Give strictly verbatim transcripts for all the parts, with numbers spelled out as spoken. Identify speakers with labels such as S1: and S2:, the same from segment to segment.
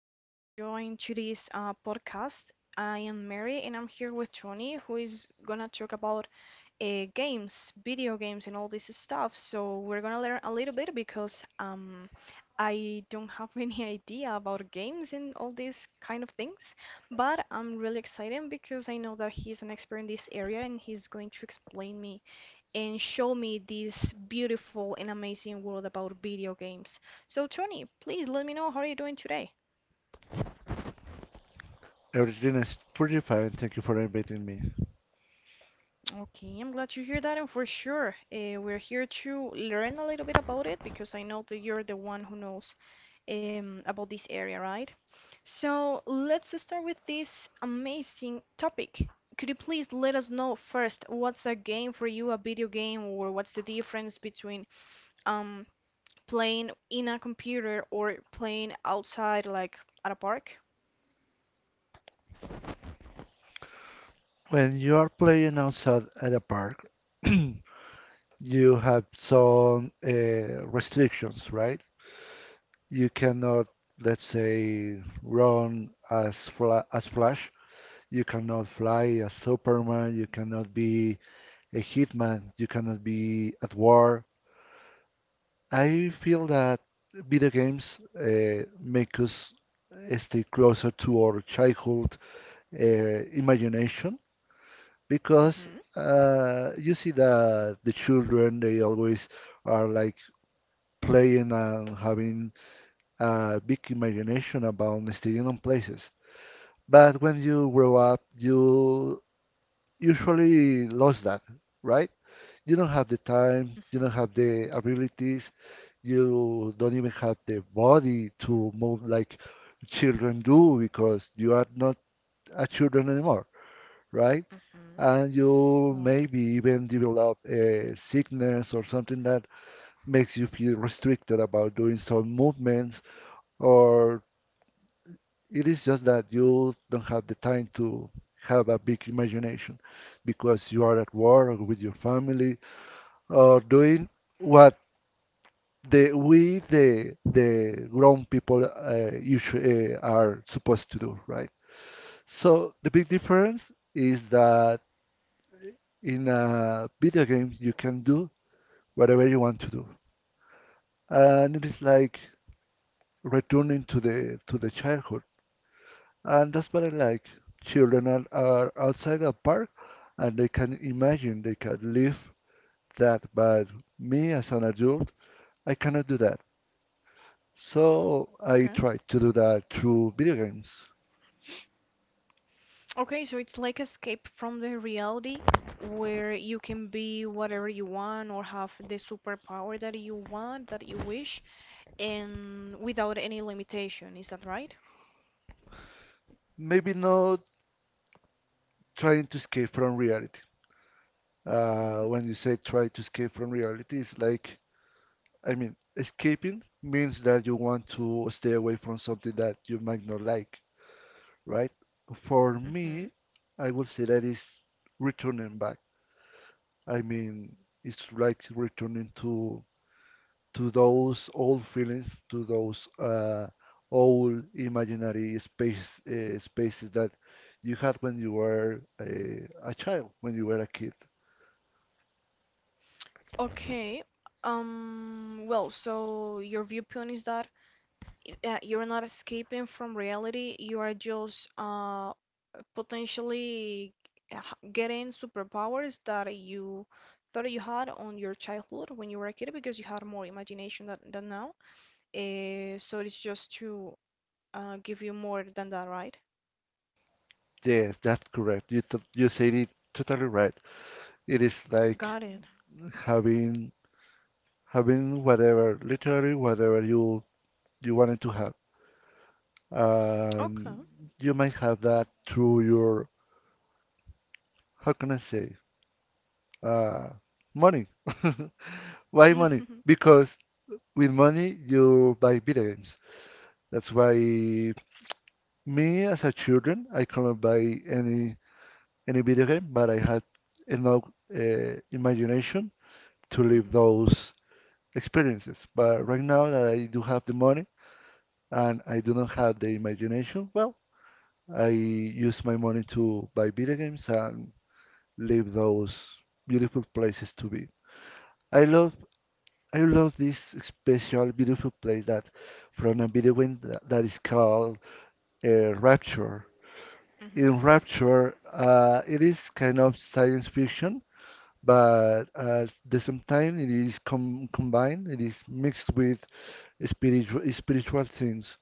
S1: sharing and joining today's uh, podcast. I am Mary and I'm here with Tony, who is gonna talk about uh, games, video games, and all this stuff. So we're gonna learn a little bit because um, I don't have any idea about games and all these kind of things, but I'm really excited because I know that he's an expert in this area and he's going to explain me and show me this beautiful and amazing world about video games. So, Tony, please let me know how are you doing today?
S2: Everything is pretty fine. Thank you for inviting me.
S1: Okay, I'm glad you hear that, and for sure, uh, we're here to learn a little bit about it because I know that you're the one who knows um, about this area, right? So let's start with this amazing topic. Could you please let us know first what's a game for you, a video game, or what's the difference between um playing in a computer or playing outside, like at a park.
S2: When you are playing outside at a park, you have some uh, restrictions, right? You cannot, let's say, run as fla as Flash. You cannot fly as Superman. You cannot be a hitman. You cannot be at war. I feel that video games uh, make us stay closer to our childhood uh, imagination because
S1: Mm-hmm.
S2: uh, you see that the children they always are like playing and having a big imagination about staying on places. But when you grow up, you usually lose that, right? You don't have the time,
S1: Mm-hmm.
S2: you don't have the abilities, you don't even have the body to move like children do because you are not a children anymore, right?
S1: Mm-hmm.
S2: And you
S1: Right.
S2: maybe even develop a sickness or something that makes you feel restricted about doing some movements, or it is just that you don't have the time to have a big imagination because you are at work or with your family or doing what the we the the grown people uh, usually uh, are supposed to do, right? So the big difference is that in a video game you can do whatever you want to do. And it is like returning to the to the childhood. And that's what I like. Children are, are outside a park and they can imagine, they can live that. But me as an adult, I cannot do that. So I
S1: Okay.
S2: try to do that through video games.
S1: Okay, so it's like escape from the reality where you can be whatever you want or have the superpower that you want, that you wish, and without any limitation. Is that right?
S2: Maybe not trying to escape from reality. Uh,
S1: Mm-hmm.
S2: when you say try to escape from reality, it's like, I mean, escaping means that you want to stay away from something that you might not like, right? For me,
S1: Hmm.
S2: I would say that is returning back. I mean, it's like returning to to those old feelings, to those uh, old imaginary space uh, spaces that you had when you were a, a child, when you were a kid.
S1: Okay. Um, well, so your viewpoint is that uh, you're not escaping from reality, you are just uh potentially h- getting superpowers that you thought you had on your childhood when you were a kid because you had more imagination than, than now. Uh, so it's just to uh, give you more than that, right?
S2: Yes, that's correct. You t you said it totally right. It is like
S1: Got it.
S2: having having whatever, literally whatever you you wanted to have.
S1: Okay.
S2: And you might have that through your, how can I say, uh, money. Why money? Because with money you buy video games. That's why me as a children, I couldn't buy any any video game, but I had enough uh, imagination to live
S1: Mm-hmm.
S2: those experiences. But right now that I do have the money and I do not have the imagination, well, I use my money to buy video games and leave those beautiful places to be. I love I love this special beautiful place that from a video game that, that is called uh, Rapture.
S1: Mm-hmm.
S2: In Rapture, uh, it is kind of science fiction, but at the same time it is com combined, it is mixed with spiritual spiritual things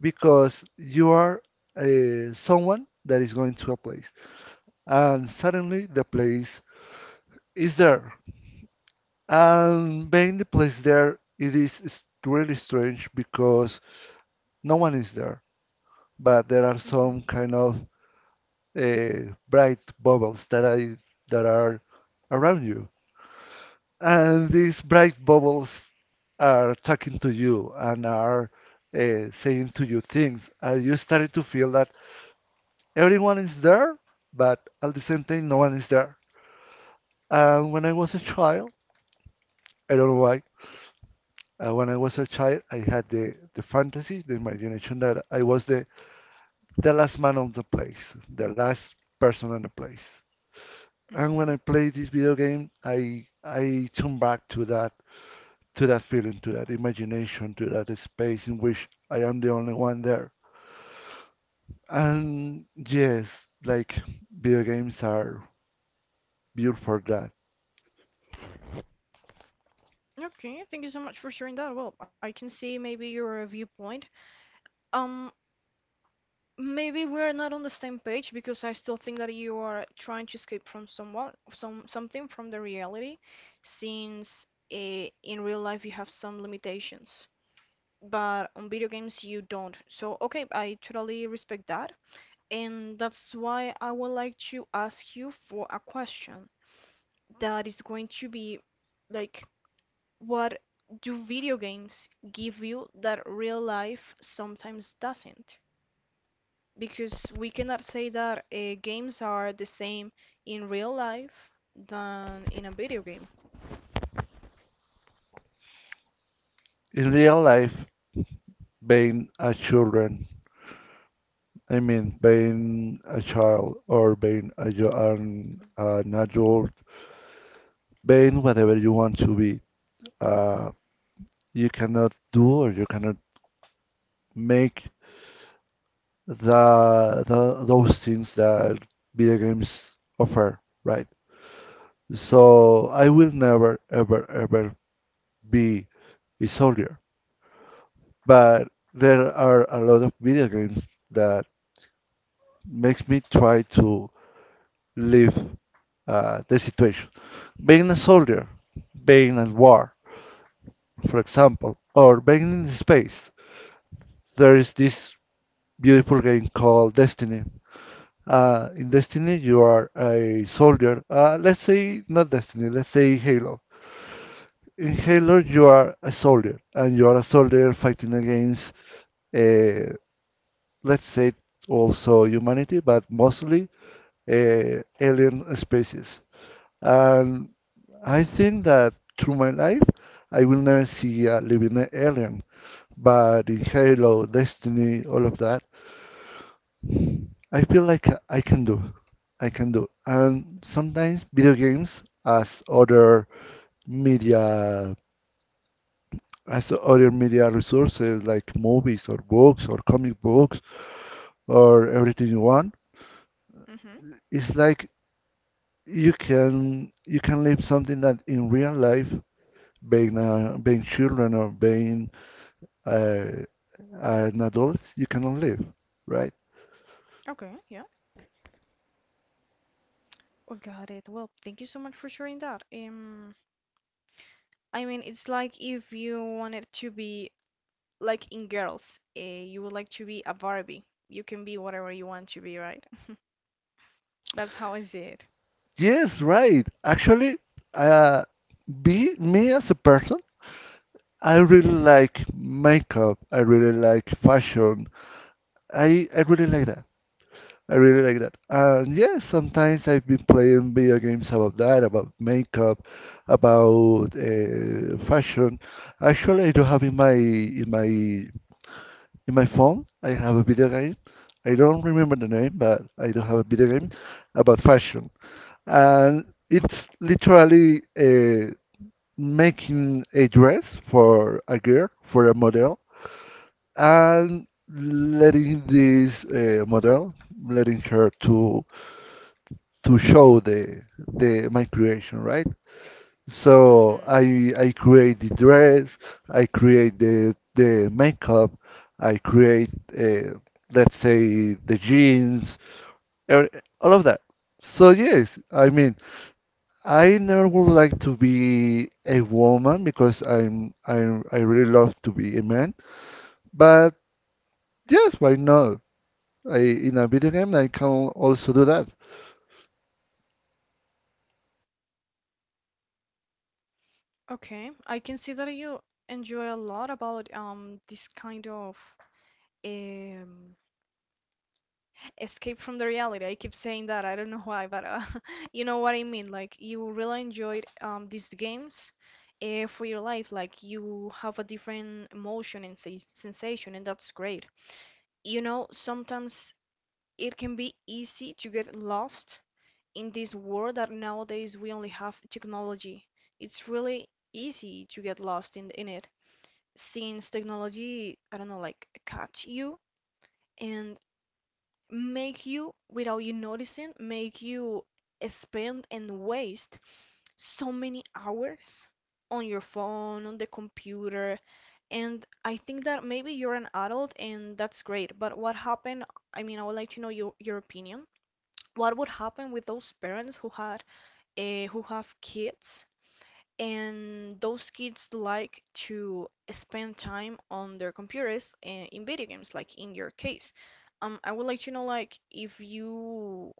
S2: because you are uh, someone that is going to a place, and suddenly the place is there. And being the place there, it is s- really strange because no one is there, but there are some
S1: Mm-hmm.
S2: kind of uh, bright bubbles that I that are around you, and these bright bubbles are talking to you and are uh, saying to you things. Are you starting to feel that everyone is there, but at the same time no one is there? And when I was a child, I don't know why. Uh, when I was a child, I had the, the fantasy, the imagination that I was the, the last man on the place, the last person on the place. And when I
S1: Mm-hmm.
S2: play this video game, I I turn back to that to that feeling, to that imagination, to that space in which I am the only one there. And yes, like video games are built for that.
S1: Okay, thank you so much for sharing that. Well, I can see maybe your viewpoint. Um, Maybe we're not on the same page because I still think that you are trying to escape from someone, some something from the reality, since eh, in real life you have some limitations, but on video games you don't. So, okay, I totally respect that, and that's why I would like to ask you for a question that is going to be like, what do video games give you that real life sometimes doesn't? Because we cannot say that uh, games are the same in real life than in a video game.
S2: In real life, being a children I mean, being a child or being a, jo- an, an adult, being whatever you want to be, uh, you cannot do or you cannot make the, the those things that video games offer, right?
S1: Mhm.
S2: So I will never, ever, ever be a soldier. But there are a lot of video games that makes me try to live uh, the situation. Being a soldier, being at war, for example, or being in space, there is this beautiful game called Destiny. Uh, in Destiny, you are a soldier. Uh, let's say not Destiny, let's say Halo. In
S1: Mhm.
S2: Halo, you are a soldier, and you are a soldier fighting against, uh, let's say, also humanity, but mostly uh, alien species. And I think that through my life, I will never see a living alien. But in Halo, Destiny, all of that, I feel like I can do. I can do. And sometimes video games, as other media, as other media resources like movies or books or comic books or everything you want,
S1: Mhm.
S2: it's like you can you can live something that in real life, being uh, being children or being uh, an adult, you cannot live, right?
S1: Okay, yeah. I got it. Well, thank you so much for sharing that. Um, I mean, it's like if you wanted to be like in girls, uh, you would like to be a Barbie. You can be whatever you want to be, right? That's how I see it.
S2: Yes, right. Actually, uh, be me as a person, I really like makeup. I really like fashion. I I really like that. I really like that. And yes, sometimes I've been playing video games about that, about makeup, about uh, fashion. Actually, I do have in my in my In my phone, I have a video game. I don't remember the name, but I do have a video game about fashion. And it's literally uh, making a dress for a girl, for a model, and letting this uh, model, letting her to to show the the my creation, right? So
S1: Mhm.
S2: I I create the dress, I create the the makeup, I create uh, let's say the jeans, er, all of that. So yes, I mean I never would like to be a woman because I'm i I really love to be a man. But yes, why not? I in a video game I can also do that.
S1: Okay. I can see that you enjoy a lot about um this kind of um escape from the reality. I keep saying that. I don't know why, but uh, you know what I mean. Like you really enjoyed um these games uh, for your life. Like you have a different emotion and se sensation, and that's great. You know, sometimes it can be easy to get lost in this world that nowadays we only have technology. It's really easy to get lost in in it since technology, I don't know, like catch you and make you, without you noticing, make you spend and waste so many hours on your phone, on the computer. And I think that maybe you're an adult and that's great, but what happened? I mean, I would like to know your, your opinion. What would happen with those parents who had uh, who have kids and those kids like to spend time on their computers and in video games, like in your case. Um, I would like to know, like, if you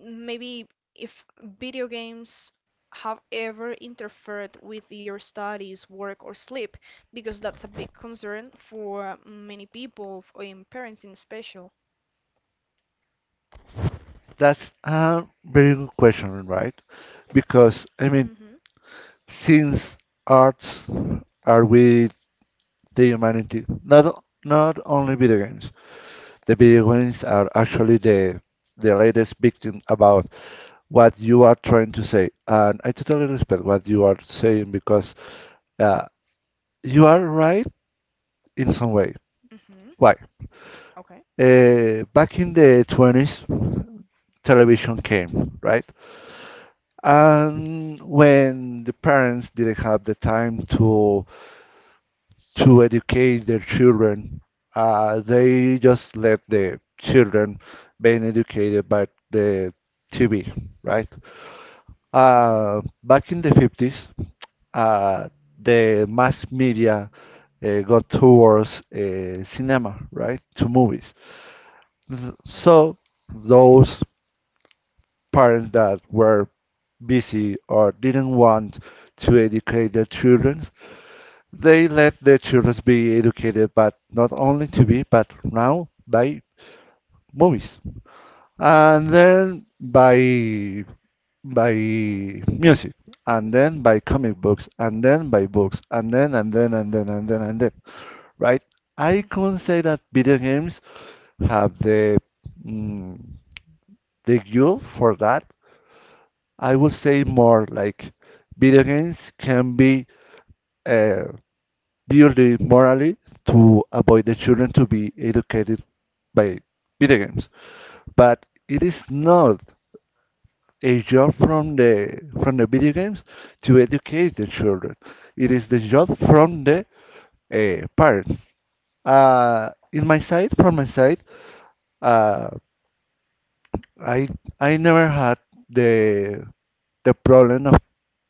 S1: maybe if video games have ever interfered with your studies, work, or sleep, because that's a big concern for many people, f- and parents in special.
S2: That's a very good question, right? Because I
S1: Mm-hmm.
S2: mean since arts are with the humanity. Not not only video games. The video games are actually the the latest victim about what you are trying to say, and I totally respect what you are saying because uh, you are right in some way.
S1: Mm-hmm.
S2: Why?
S1: Okay.
S2: Uh, back in the twenties, television came, right? And when the parents didn't have the time to to educate their children. Uh, they just let the children being educated by the T V, right?
S1: Mm-hmm.
S2: Uh, back in the fifties, uh, the mass media uh, got towards uh, cinema, right? To movies.
S1: Uh-huh.
S2: So those parents that were busy or didn't want to educate their children, they let their children be educated, but not only T V, but now by movies, and then by by music, and then by comic books, and then by books, and then and then and then and then and then. Right? I
S1: Mm-hmm.
S2: can say that video games have the mm, the fuel for that. I would say more like video games can be uh, built morally to avoid the children to be educated by video games, but it is not a job from the from the video games to educate the children. It is the job from the uh, parents. Uh, in my side, from my side, uh, I I never had the the problem of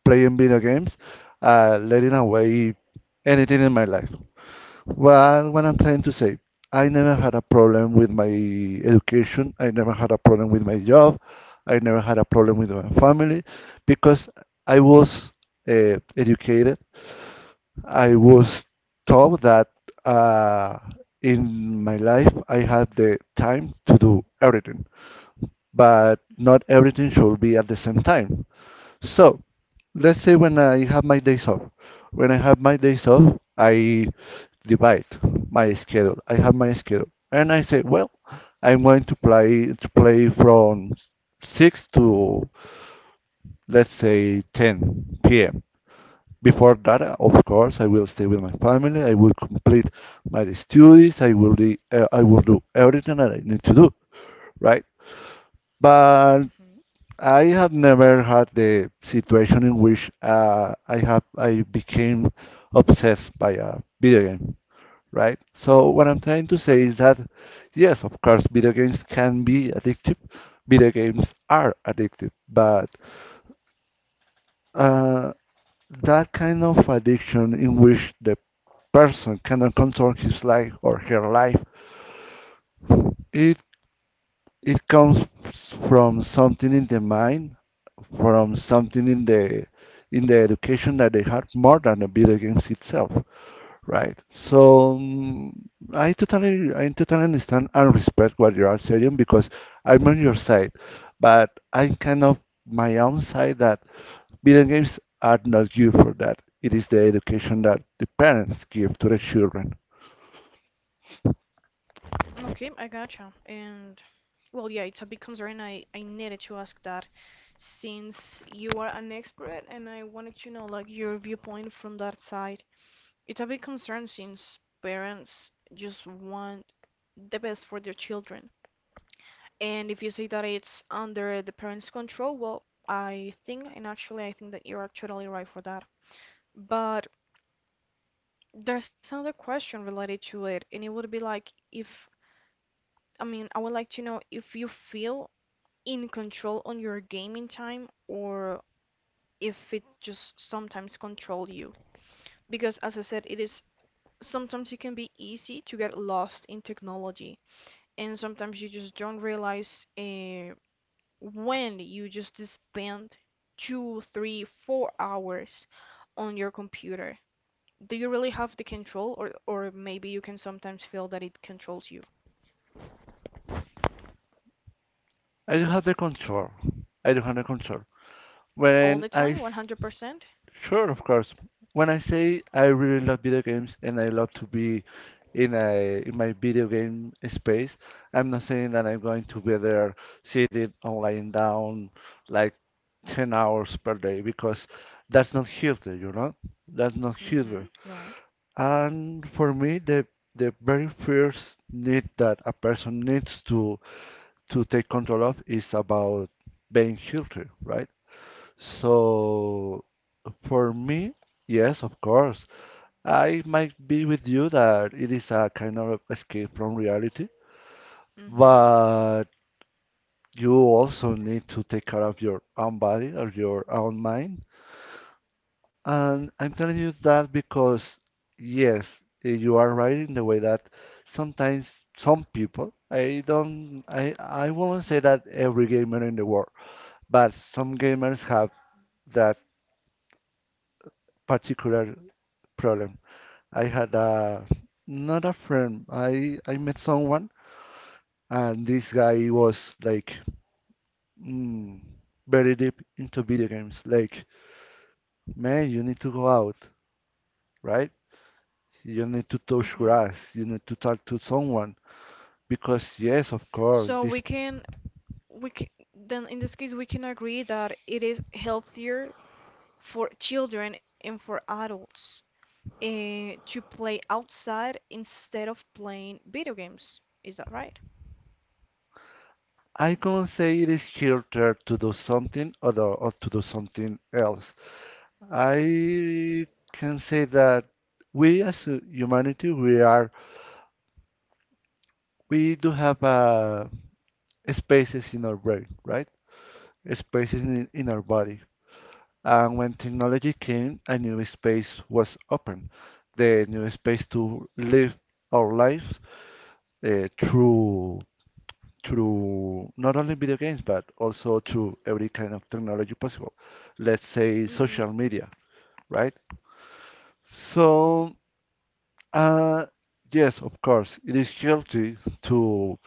S2: playing video games, uh, letting away anything in my life. Well, what I'm trying to say, I never had a problem with my education. I never had a problem with my job. I never had a problem with my family because I was uh, educated. I was taught that uh, in my life I had the time to do everything, but
S1: Mm-hmm.
S2: not everything should be at the same time. So let's say when I have my days off. When I have my days off, I divide my schedule. I have my schedule, and I say, well, I'm going to play to play from six to let's say ten p m. Before that, uh, of course, I will stay with my family. I will complete my studies. I will do, uh, I will do everything that I need to do, right? But
S1: Mm-hmm.
S2: I have never had the situation in which uh, I have I became obsessed by a video game, right? So what I'm trying to say is that yes, of course, video games can be addictive. Video games are addictive, but uh, that kind of addiction in which the person cannot control his life or her life, it it comes from something in the mind, from something in the in the education that they had more than the video games itself, right? So mm, I totally I totally understand and respect what you are saying because I'm on your side, but I'm kind of my own side that video games are not good for that. It is the education that the parents give to the children.
S1: Okay, I gotcha. And well, yeah, it's a big concern. I I needed to ask that since you are an expert and I wanted to know like your viewpoint from that side. It's a big concern since parents just want the best for their children. And if you say that it's under the parents' control, well, I think and actually I think that you are totally right for that. But there's another question related to it, and it would be like if I mean, I would like to know if you feel in control on your gaming time or if it just sometimes control you because as I said it is sometimes it can be easy to get lost in technology and sometimes you just don't realize uh, when you just spend two three four hours on your computer. Do you really have the control, or or maybe you can sometimes feel that it controls you
S2: I do have the control. I do have the control.
S1: all the
S2: When
S1: time
S2: I
S1: one hundred percent?
S2: Sure, of course. When I say I really love video games and I love to be in a in my video game space, I'm not saying that I'm going to be there sitting or lying down like ten hours per day because that's not healthy, you know? That's not
S1: Mm-hmm.
S2: healthy.
S1: Right.
S2: And for me, the the very first need that a person needs to to take control of is about being healthy, right? So for me, yes, of course. I might be with you that it is a kind of escape from reality,
S1: Mm-hmm.
S2: but you also need to take care of your own body or your own mind. And I'm telling you that because, yes, eh, you are right in the way that sometimes some people, I don't, I, I
S1: Mm-hmm.
S2: won't say that every gamer in the world, but some gamers have that particular problem. I had a not a friend. I I met someone, and this guy was like mm, very deep into video games. Like, man, you need to go out, right? You need to touch
S1: Mm-hmm.
S2: grass. You need to talk to someone because yes, of
S1: So we
S2: course, this
S1: can we can, then in this case we can agree that it is healthier for children and for adults uh, to play outside instead of playing video games. Is that right?
S2: I can't say it is harder to do something other or to do something else. I can say that we as a humanity, we are we do have a spaces in our brain, right? Spaces in, in our body. And when technology came, a new space was open, the new space to live our lives uh, through through not only video games but also through every kind of technology possible. Let's say social
S1: Mm-hmm.
S2: media, right? So,
S1: Hmm.
S2: uh, yes, of course, it is healthy to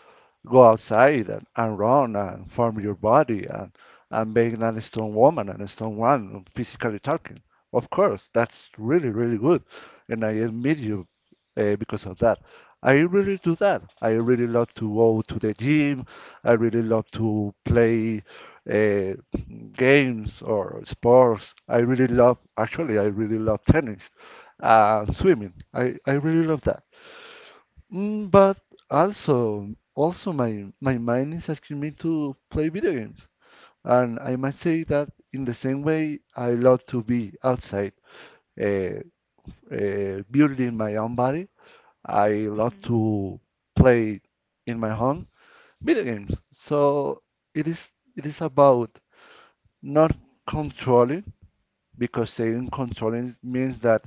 S2: go outside and, and run and form your body and, and being a strong woman and a strong man, physically talking. Of course, that's really, really good. And I admit you uh, because of that. I really do that. I really love to go to the gym. I really love to play uh, games or sports. I really love, actually, I really love tennis, uh, swimming. I, I really love that. Mm, but also, also my my mind is asking me to play video games, and I might say that in the same way I love to be outside, uh, uh, building my own body. I love
S1: Mm-hmm.
S2: to play in my home video games. So it is it is about not controlling because staying controlling means that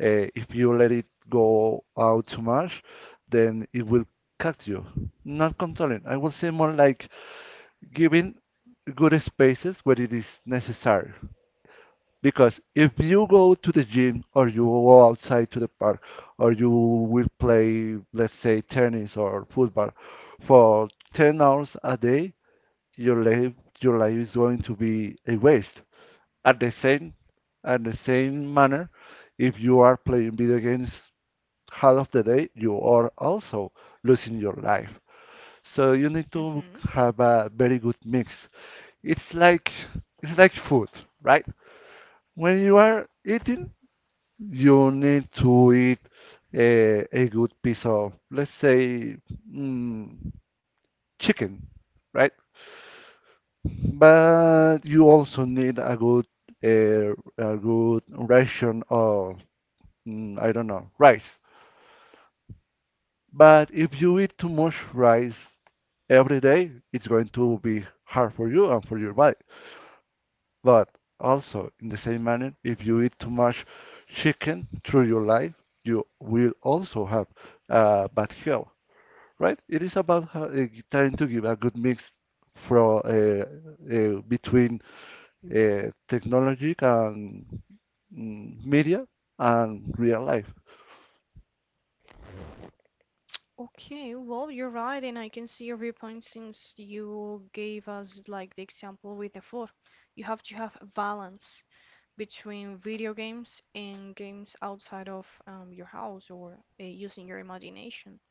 S2: uh, if you let it go out too much, then it will cut you. Not controlling. I would say more like giving good spaces where it is necessary. Because if you go to the gym or you go outside to the park or you will play, let's say, tennis or football for ten hours a day, your life, your life is going to be a waste at the same at the same manner, if you are playing video games half of the day, you are also losing your life. So you need to
S1: Mm-hmm.
S2: have a very good mix. It's like it's like food, right? When you
S1: Mm-hmm.
S2: are eating, you need to eat a, a good piece of, let's say, mm, chicken, right? But
S1: Okay.
S2: you also need a good a, a good ration of mm, I don't know, rice. But if you eat too much rice every day, it's going to be hard for you and for your body. But also, in the same manner, if you eat too much chicken through your life, you will also have uh, bad health, right? It is about how, uh, trying to give a good mix from uh, uh, between uh, technology and mm, media and real life.
S1: Okay, well, you're right, and I can see your viewpoint since you gave us like the example with the food. You have to have balance between video games and games outside of um, your house or uh, using your imagination.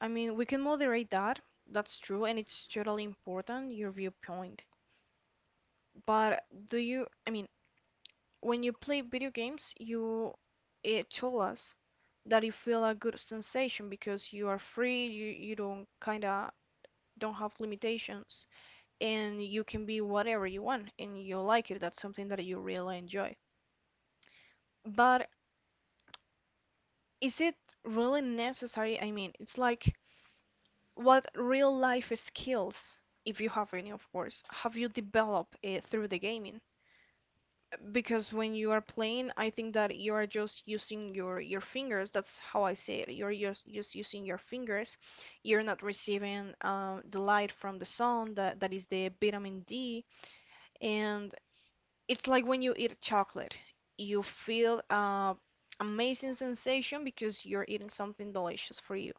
S1: I mean, we can moderate that. That's true, and it's totally important, your viewpoint. But do you, I mean, when you play video games, you it told us that you feel a good sensation because you are free, you, you don't kind of don't have limitations, and you can be whatever you want, and you like it. That's something that you really enjoy. But is it really necessary? I mean, it's like what real life skills, if you have any, of course, have you developed uh, through the gaming? Because when you are playing, I think that you are just using your your fingers. That's how I say it. You're just just using your fingers. You're not receiving um, the light from the sun that that is the vitamin D, and it's like when you eat chocolate, you feel uh amazing sensation because you're eating something delicious for you.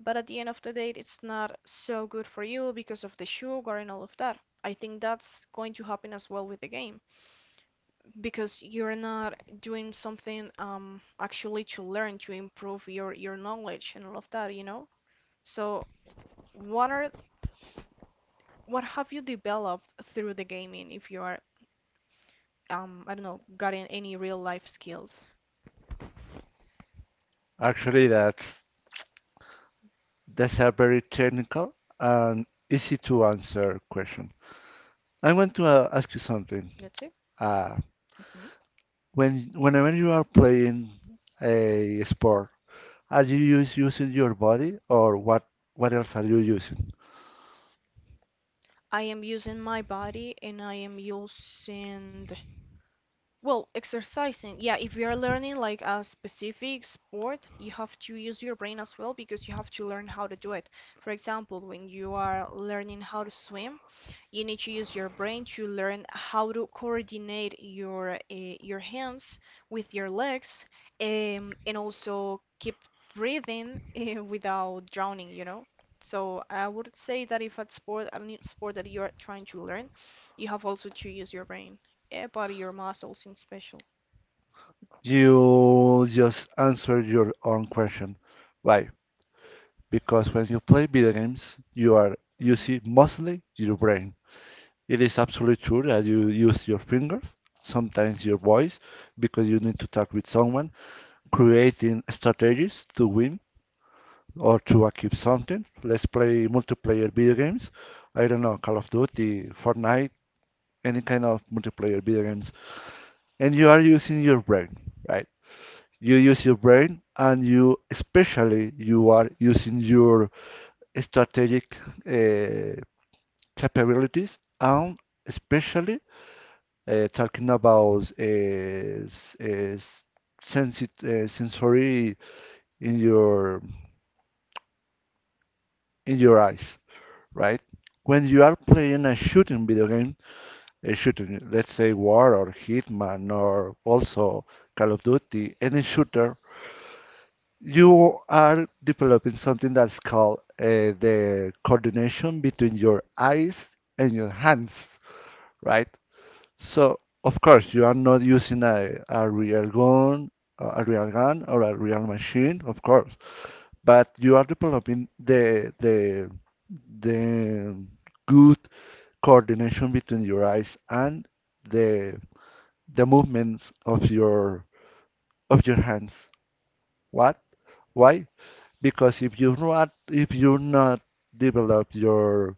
S1: But at the end of the day, it's not so good for you because of the sugar and all of that. I think that's going to happen as well with the game because you're not doing something um, actually to learn to improve your your knowledge and all of that, you know? So what are what have you developed through the gaming if you are um, I don't know, gotten any real life skills?
S2: Actually, that's that's a very technical and easy to answer question. I want to uh, ask you
S1: That's it.
S2: something. Uh,
S1: Hmm.
S2: when whenever you are playing a sport, are you use, using your body or what? What else are you using?
S1: I am using my body and I am using the well, exercising, yeah, if you are learning like a specific sport, you have to use your brain as well because you have to learn how to do it. For example, when you are learning how to swim, you need to use your brain to learn how to coordinate your uh, your hands with your legs, um, and also keep breathing uh, without drowning, you know? So I would say that if a sport, a new sport that you are trying to learn, you have also to use your brain about your muscles in special.
S2: You just answer your own question. Why? Because when you play video games, you are
S1: Hmm.
S2: using mostly your brain. It is absolutely true that you use your fingers, sometimes your voice, because you need to talk with someone creating strategies to win or to achieve something. Let's play multiplayer video games. I don't know, Call of Duty, Fortnite, any kind of multiplayer video games. And you are using your brain, right? You use your brain and you, especially, you are using your strategic uh, capabilities and especially uh, talking about uh, uh, s- uh, sensory in your in your eyes. Right? When you are playing a shooting video game, a shooting, let's say War or Hitman or also Call of Duty, any shooter, you are developing something that's called uh, the coordination between your eyes and your hands, right? So, of course, you are not using a, a real gun, a real gun or a real machine, of course, but you are developing the the the good coordination between your eyes and the the movements of your of your hands. What? Why? Because if you not if you not develop your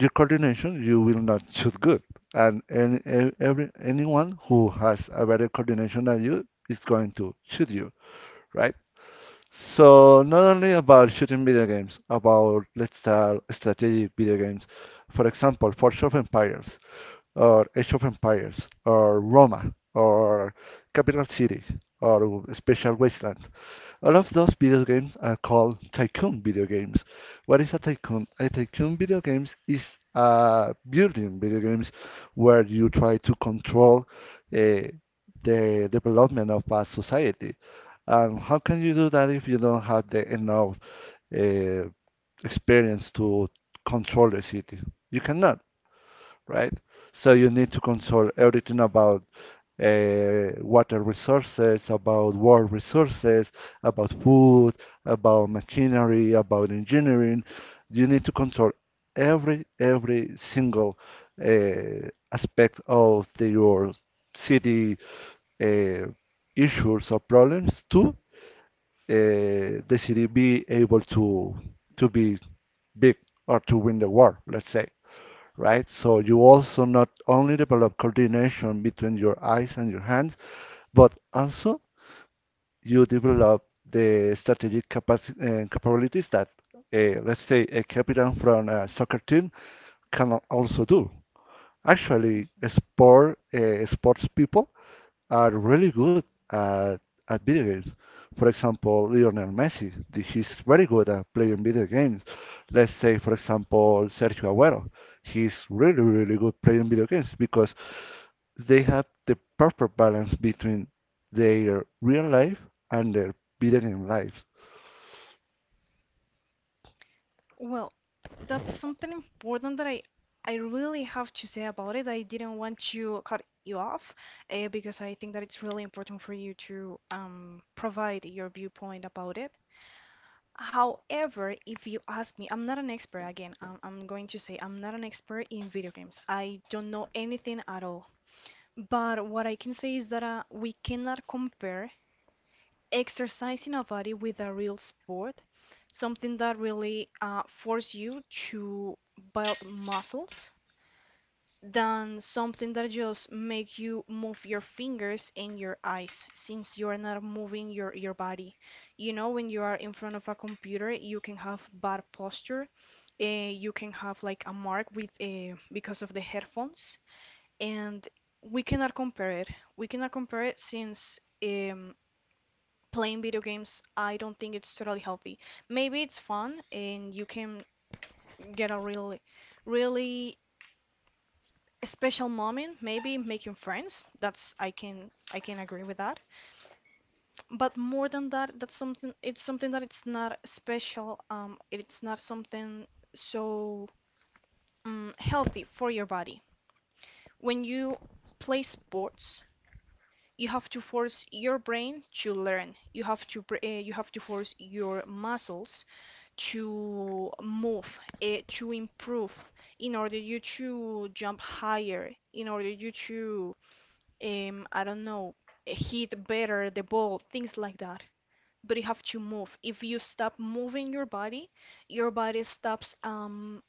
S2: your coordination, you will not shoot good. And any, e- every anyone who has a better coordination than you is going to shoot you, right? So not only about shooting video games, about let's start strategic video games. For example, Forge of Empires, or Age of Empires, or Roma, or Capital City, or Special Wasteland. All of those video games are called tycoon video games. What is a tycoon? A tycoon video games is a building video games where you try to control uh, the development of a society. And how can you do that if you don't have the enough uh, experience to control the city? You cannot, right? So you need to control everything about uh, water resources, about water resources, about food, about machinery, about engineering. You need to control every every single uh, aspect of the, your city uh, issues or problems to uh, the city be able to to be big or to win the war, let's say, right? So you also not only develop coordination between your eyes and your hands, but also you develop the strategic capaci- uh, capabilities that, uh, let's say, a captain from a soccer team can also do. Actually,
S1: Hmm.
S2: sport, uh, sports people are really good at, at video games. For example, Lionel Messi, th- he's very good at playing video games. Let's say, for example, Sergio Aguero, he's really, really good playing video games because they have the perfect balance between their real life and their video game lives.
S1: Well, that's something important that I I really have to say about it. I didn't want to cut you off uh, because I think that it's really important for you to um, provide your viewpoint about it. However, if you ask me, I'm not an expert again. I'm, I'm going to say I'm not an expert in video games. I don't know anything at all. But what I can say is that uh, we cannot compare exercising a body with a real sport, something that really uh, force you to build muscles than something that just make you move your fingers and your eyes since you are not moving your, your body. You know, when you are in front of a computer, you can have bad posture. Uh, you can have like a mark with a because of the headphones and we cannot compare it. We cannot compare it since um, playing video games, I don't think it's totally healthy. Maybe it's fun and you can get a really, really special moment, maybe making friends. That's I can I can agree with that. But more than that, that's something it's something that it's not special. Um, it's not something so um, healthy for your body. When you play sports, you have to force your brain to learn. You have to uh, you have to force your muscles to move, uh, to improve, in order you to jump higher, in order you to, um, I don't know, hit better the ball, things like that. But you have to move. If you stop moving your body, your body stops um,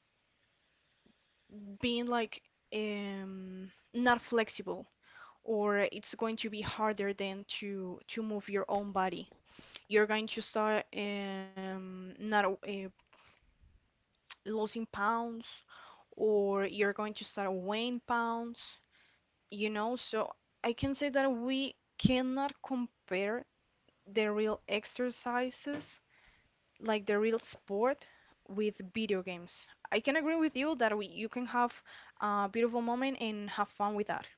S1: being like um, not flexible, or it's going to be harder than to to move your own body. You're going to start um, not uh, losing pounds or you're going to start weighing pounds, you know? So I can say that we cannot compare the real exercises, like the real sport, with video games. I can agree with you that we, you can have a beautiful moment and have fun with that.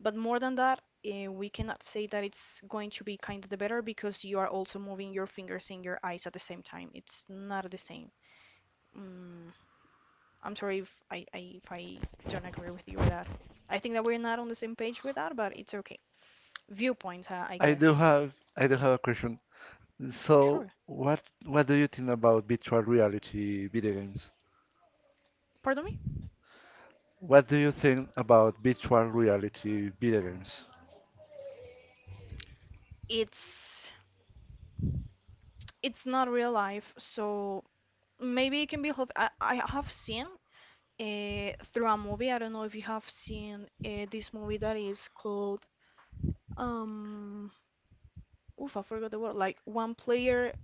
S1: But more than that, uh, we cannot say that it's going to be kind of the better because you are also moving your fingers and your eyes at the same time. It's not the same. Mm, I'm sorry if I, I if I don't agree with you with that. I think that we're not on the same page with that, but it's okay. Viewpoint, huh, I
S2: I do
S1: guess.
S2: have, I do have a question. So,
S1: Sure.
S2: what, what do you think about virtual reality video games?
S1: Pardon me?
S2: What do you think about virtual reality video games?
S1: It's it's not real life, so maybe it can be I, I have seen uh, through a movie. I don't know if you have seen uh, this movie that is called um. Oof, I forgot the word. Like one player,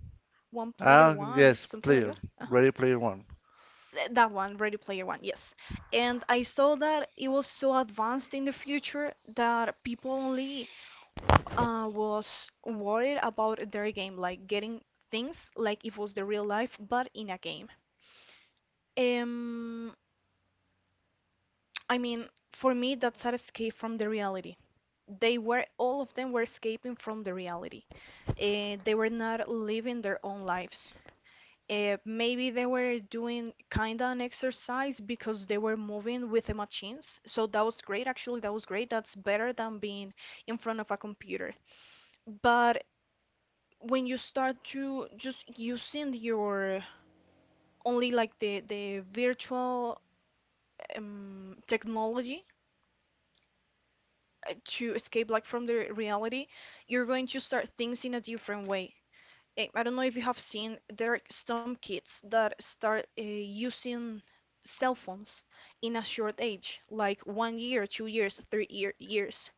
S1: one player,
S2: Ah,
S1: one
S2: yes,
S1: something like
S2: player,
S1: that. Uh huh.
S2: Ready Player One.
S1: Th- That one, Ready Player One, yes. And I saw that it was so advanced in the future that people only uh, was worried about their game, like getting things like it was the real life, but in a game. Um, I mean, for me, that's an escape from the reality. They were, all of them were escaping from the reality. Uh, they were not living their own lives. Uh, maybe they were doing kind of an exercise because they were moving with the machines. So that was great, actually. That was great. That's better than being in front of a computer. But when you start to just using your only like the, the virtual um, technology uh, to escape like from the reality, you're going to start things in a different way. Eh, I don't know if you have seen, there are some kids that start uh, using cell phones in a short age, like one year, two years, three year, years,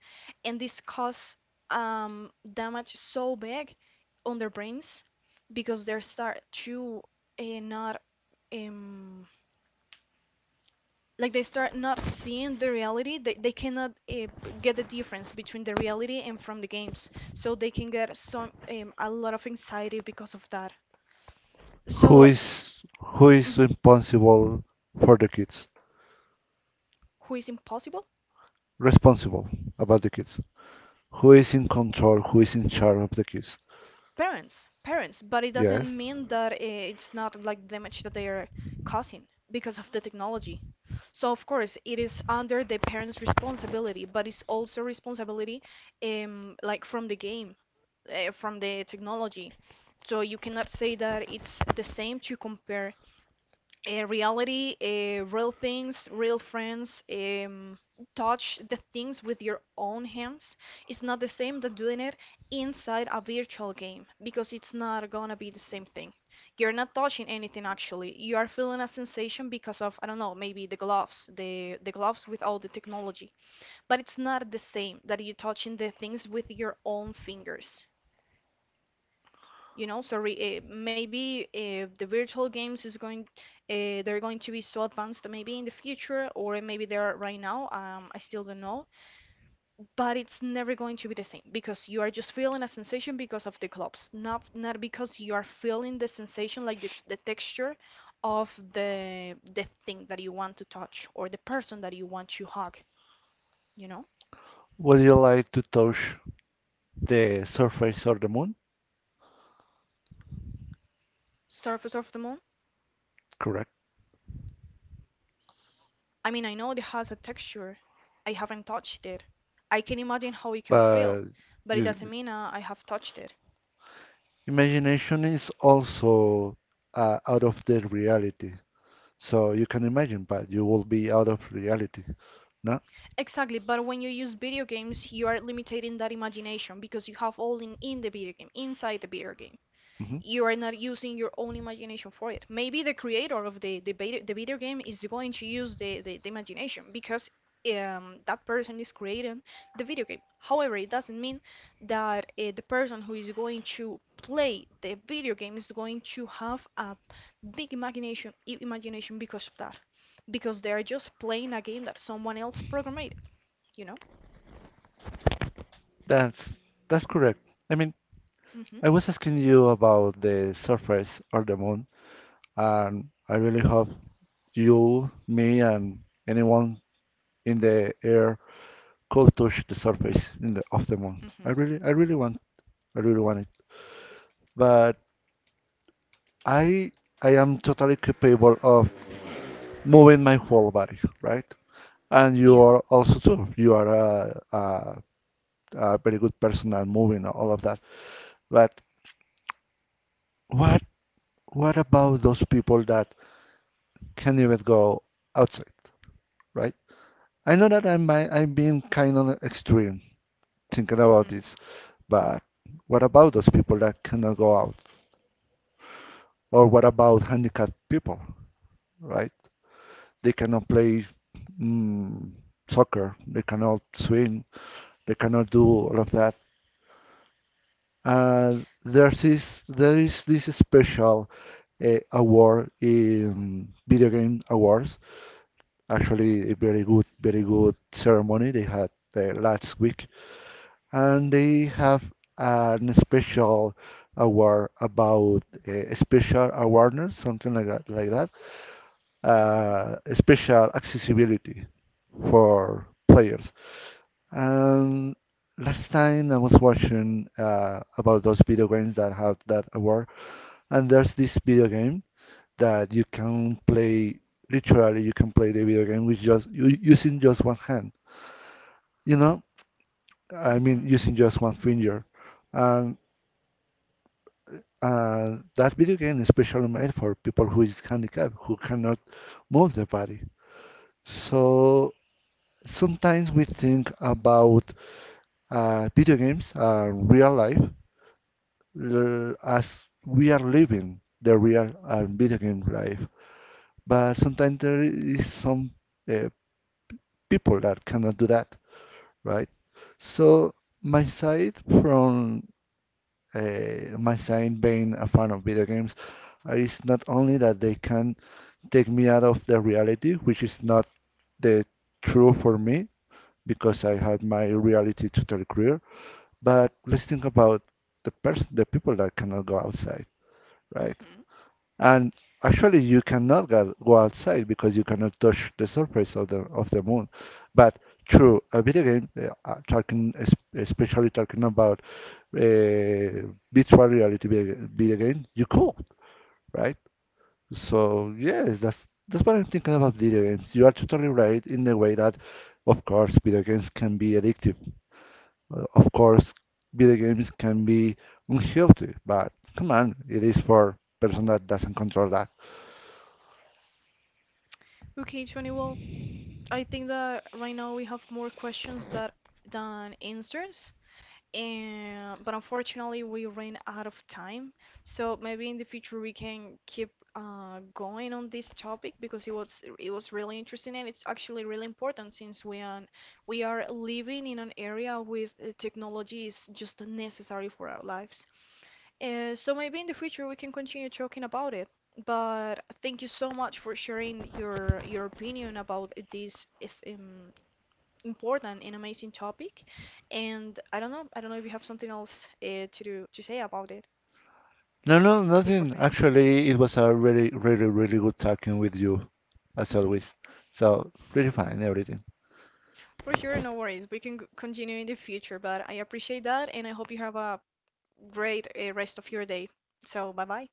S1: and this causes um, damage so big on their brains because they start to uh, not um, like they start not seeing the reality. They they cannot uh, get the difference between the reality and from the games, so they can get some um, a lot of anxiety because of that.
S2: Who
S1: So
S2: is who is
S1: mhm.
S2: responsible for the kids?
S1: Who is impossible?
S2: Responsible about the kids. Who is in control? Who is in charge of the kids?
S1: Parents, parents, but it
S2: Yes.
S1: doesn't mean that eh, it's not like damage that they are causing because of the technology. So of course it is under the parents' responsibility, but it's also responsibility um like from the game, uh, from the technology. So you cannot say that it's the same to compare uh, reality, uh, real things, real friends, um, touch the things with your own hands is not the same than doing it inside a virtual game because it's not gonna be the same thing. You're not touching anything actually. You are feeling a sensation because of, I don't know, maybe the gloves, the the gloves with all the technology. But it's not the same that you're touching the things with your own fingers, you know. Sorry, uh, maybe if the virtual games is going uh, they're going to be so advanced maybe in the future, or maybe they are right now, um, I still don't know, but it's never going to be the same because you are just feeling a sensation because of the clubs, not not because you are feeling the sensation like the, the texture of the the thing that you want to touch or the person that you want to hug, you know.
S2: Would you like to touch the surface of the moon?
S1: Surface of the moon.
S2: Correct.
S1: I mean I know it has a texture. I haven't touched it. I can imagine how it can feel,
S2: But
S1: but it
S2: you,
S1: doesn't mean uh, I have touched it.
S2: imagination is also uh, out of the reality. So you can imagine, but you will be out of reality. No?
S1: Exactly, but when you use video games, you are limiting that imagination because you have all in, in the video game, inside the video game.
S2: Hmm.
S1: You are not using your own imagination for it. Maybe the creator of the the the video game is going to use the, the, the imagination because um, that person is creating the video game. However, it doesn't mean that uh, the person who is going to play the video game is going to have a big imagination imagination because of that, because they are just playing a game that someone else programmed. You know?
S2: That's that's correct. I mean,
S1: Mhm.
S2: I was asking you about the surface or the moon, and I really hope you, me, and anyone in the air could touch the surface in the, of the moon.
S1: Mhm.
S2: I really, I really want, I really want it. But I, I am totally capable of moving my whole body, right? And you
S1: Yeah.
S2: are also too. You are a, a, a very good person at moving and all of that. But what, what about those people that can't even go outside, right? I know that I'm I- I'm being kind of extreme thinking about
S1: Mhm.
S2: this, but what about those people that cannot go out? Or what about handicapped people, right? They cannot play mm, soccer, they cannot swim, they cannot do all of that. And there's this, there is this special uh, award in video game awards. Actually, a very good, very good ceremony they had uh, last week and they have an special award about uh, special awareness, something like that, like that.
S1: Mhm.
S2: Uh, special accessibility for players. And last time I was watching uh, about those video games that have that award, and there's this video game that you can play. Literally, you can play the video game with just u- using just one hand. You know, I mean,
S1: Mhm.
S2: using just one finger. And uh, that video game is specially made for people who is handicapped, who cannot move their body. So sometimes we think about uh, video games, uh, real life, l- as we are living the real uh, video game life. But sometimes there is some uh, people that cannot do that, right? So my side from uh, my side being a fan of video games uh, is not only that they can take me out of the reality, which is not the true for me because I
S1: Mhm.
S2: have my reality total career. But let's think about the person, the people that cannot go outside, right?
S1: Mhm.
S2: And actually, you cannot go outside because you cannot touch the surface of the of the moon. But through a video game, uh, uh, talking especially talking about uh, virtual reality video, video game, you could, right? So yes, that's that's what I'm thinking about video games. You are totally right in the way that, of course, video games can be addictive. Uh, Of course, video games can be unhealthy. But come on, it is for person that doesn't control that.
S1: Okay, Johnny. Well, I think that right now we have more questions that than answers, and but unfortunately we ran out of time. So maybe in the future we can keep uh, going on this topic because it was it was really interesting and it's actually really important since we are we are living in an area with uh, technology is just necessary for our lives. Uh, so maybe in the future we can continue talking about it. But thank you so much for sharing your your opinion about this is um, important and amazing topic. And I don't know, I don't know if you have something else uh, to do to say about it
S2: No, no,
S1: before
S2: nothing.
S1: finishing.
S2: Actually, it was a really, really, really good talking with you, as always. So really fine, everything.
S1: For sure, no worries. We can g- continue in the future, but I appreciate that and I hope you have a great uh, rest of your day. So, bye bye.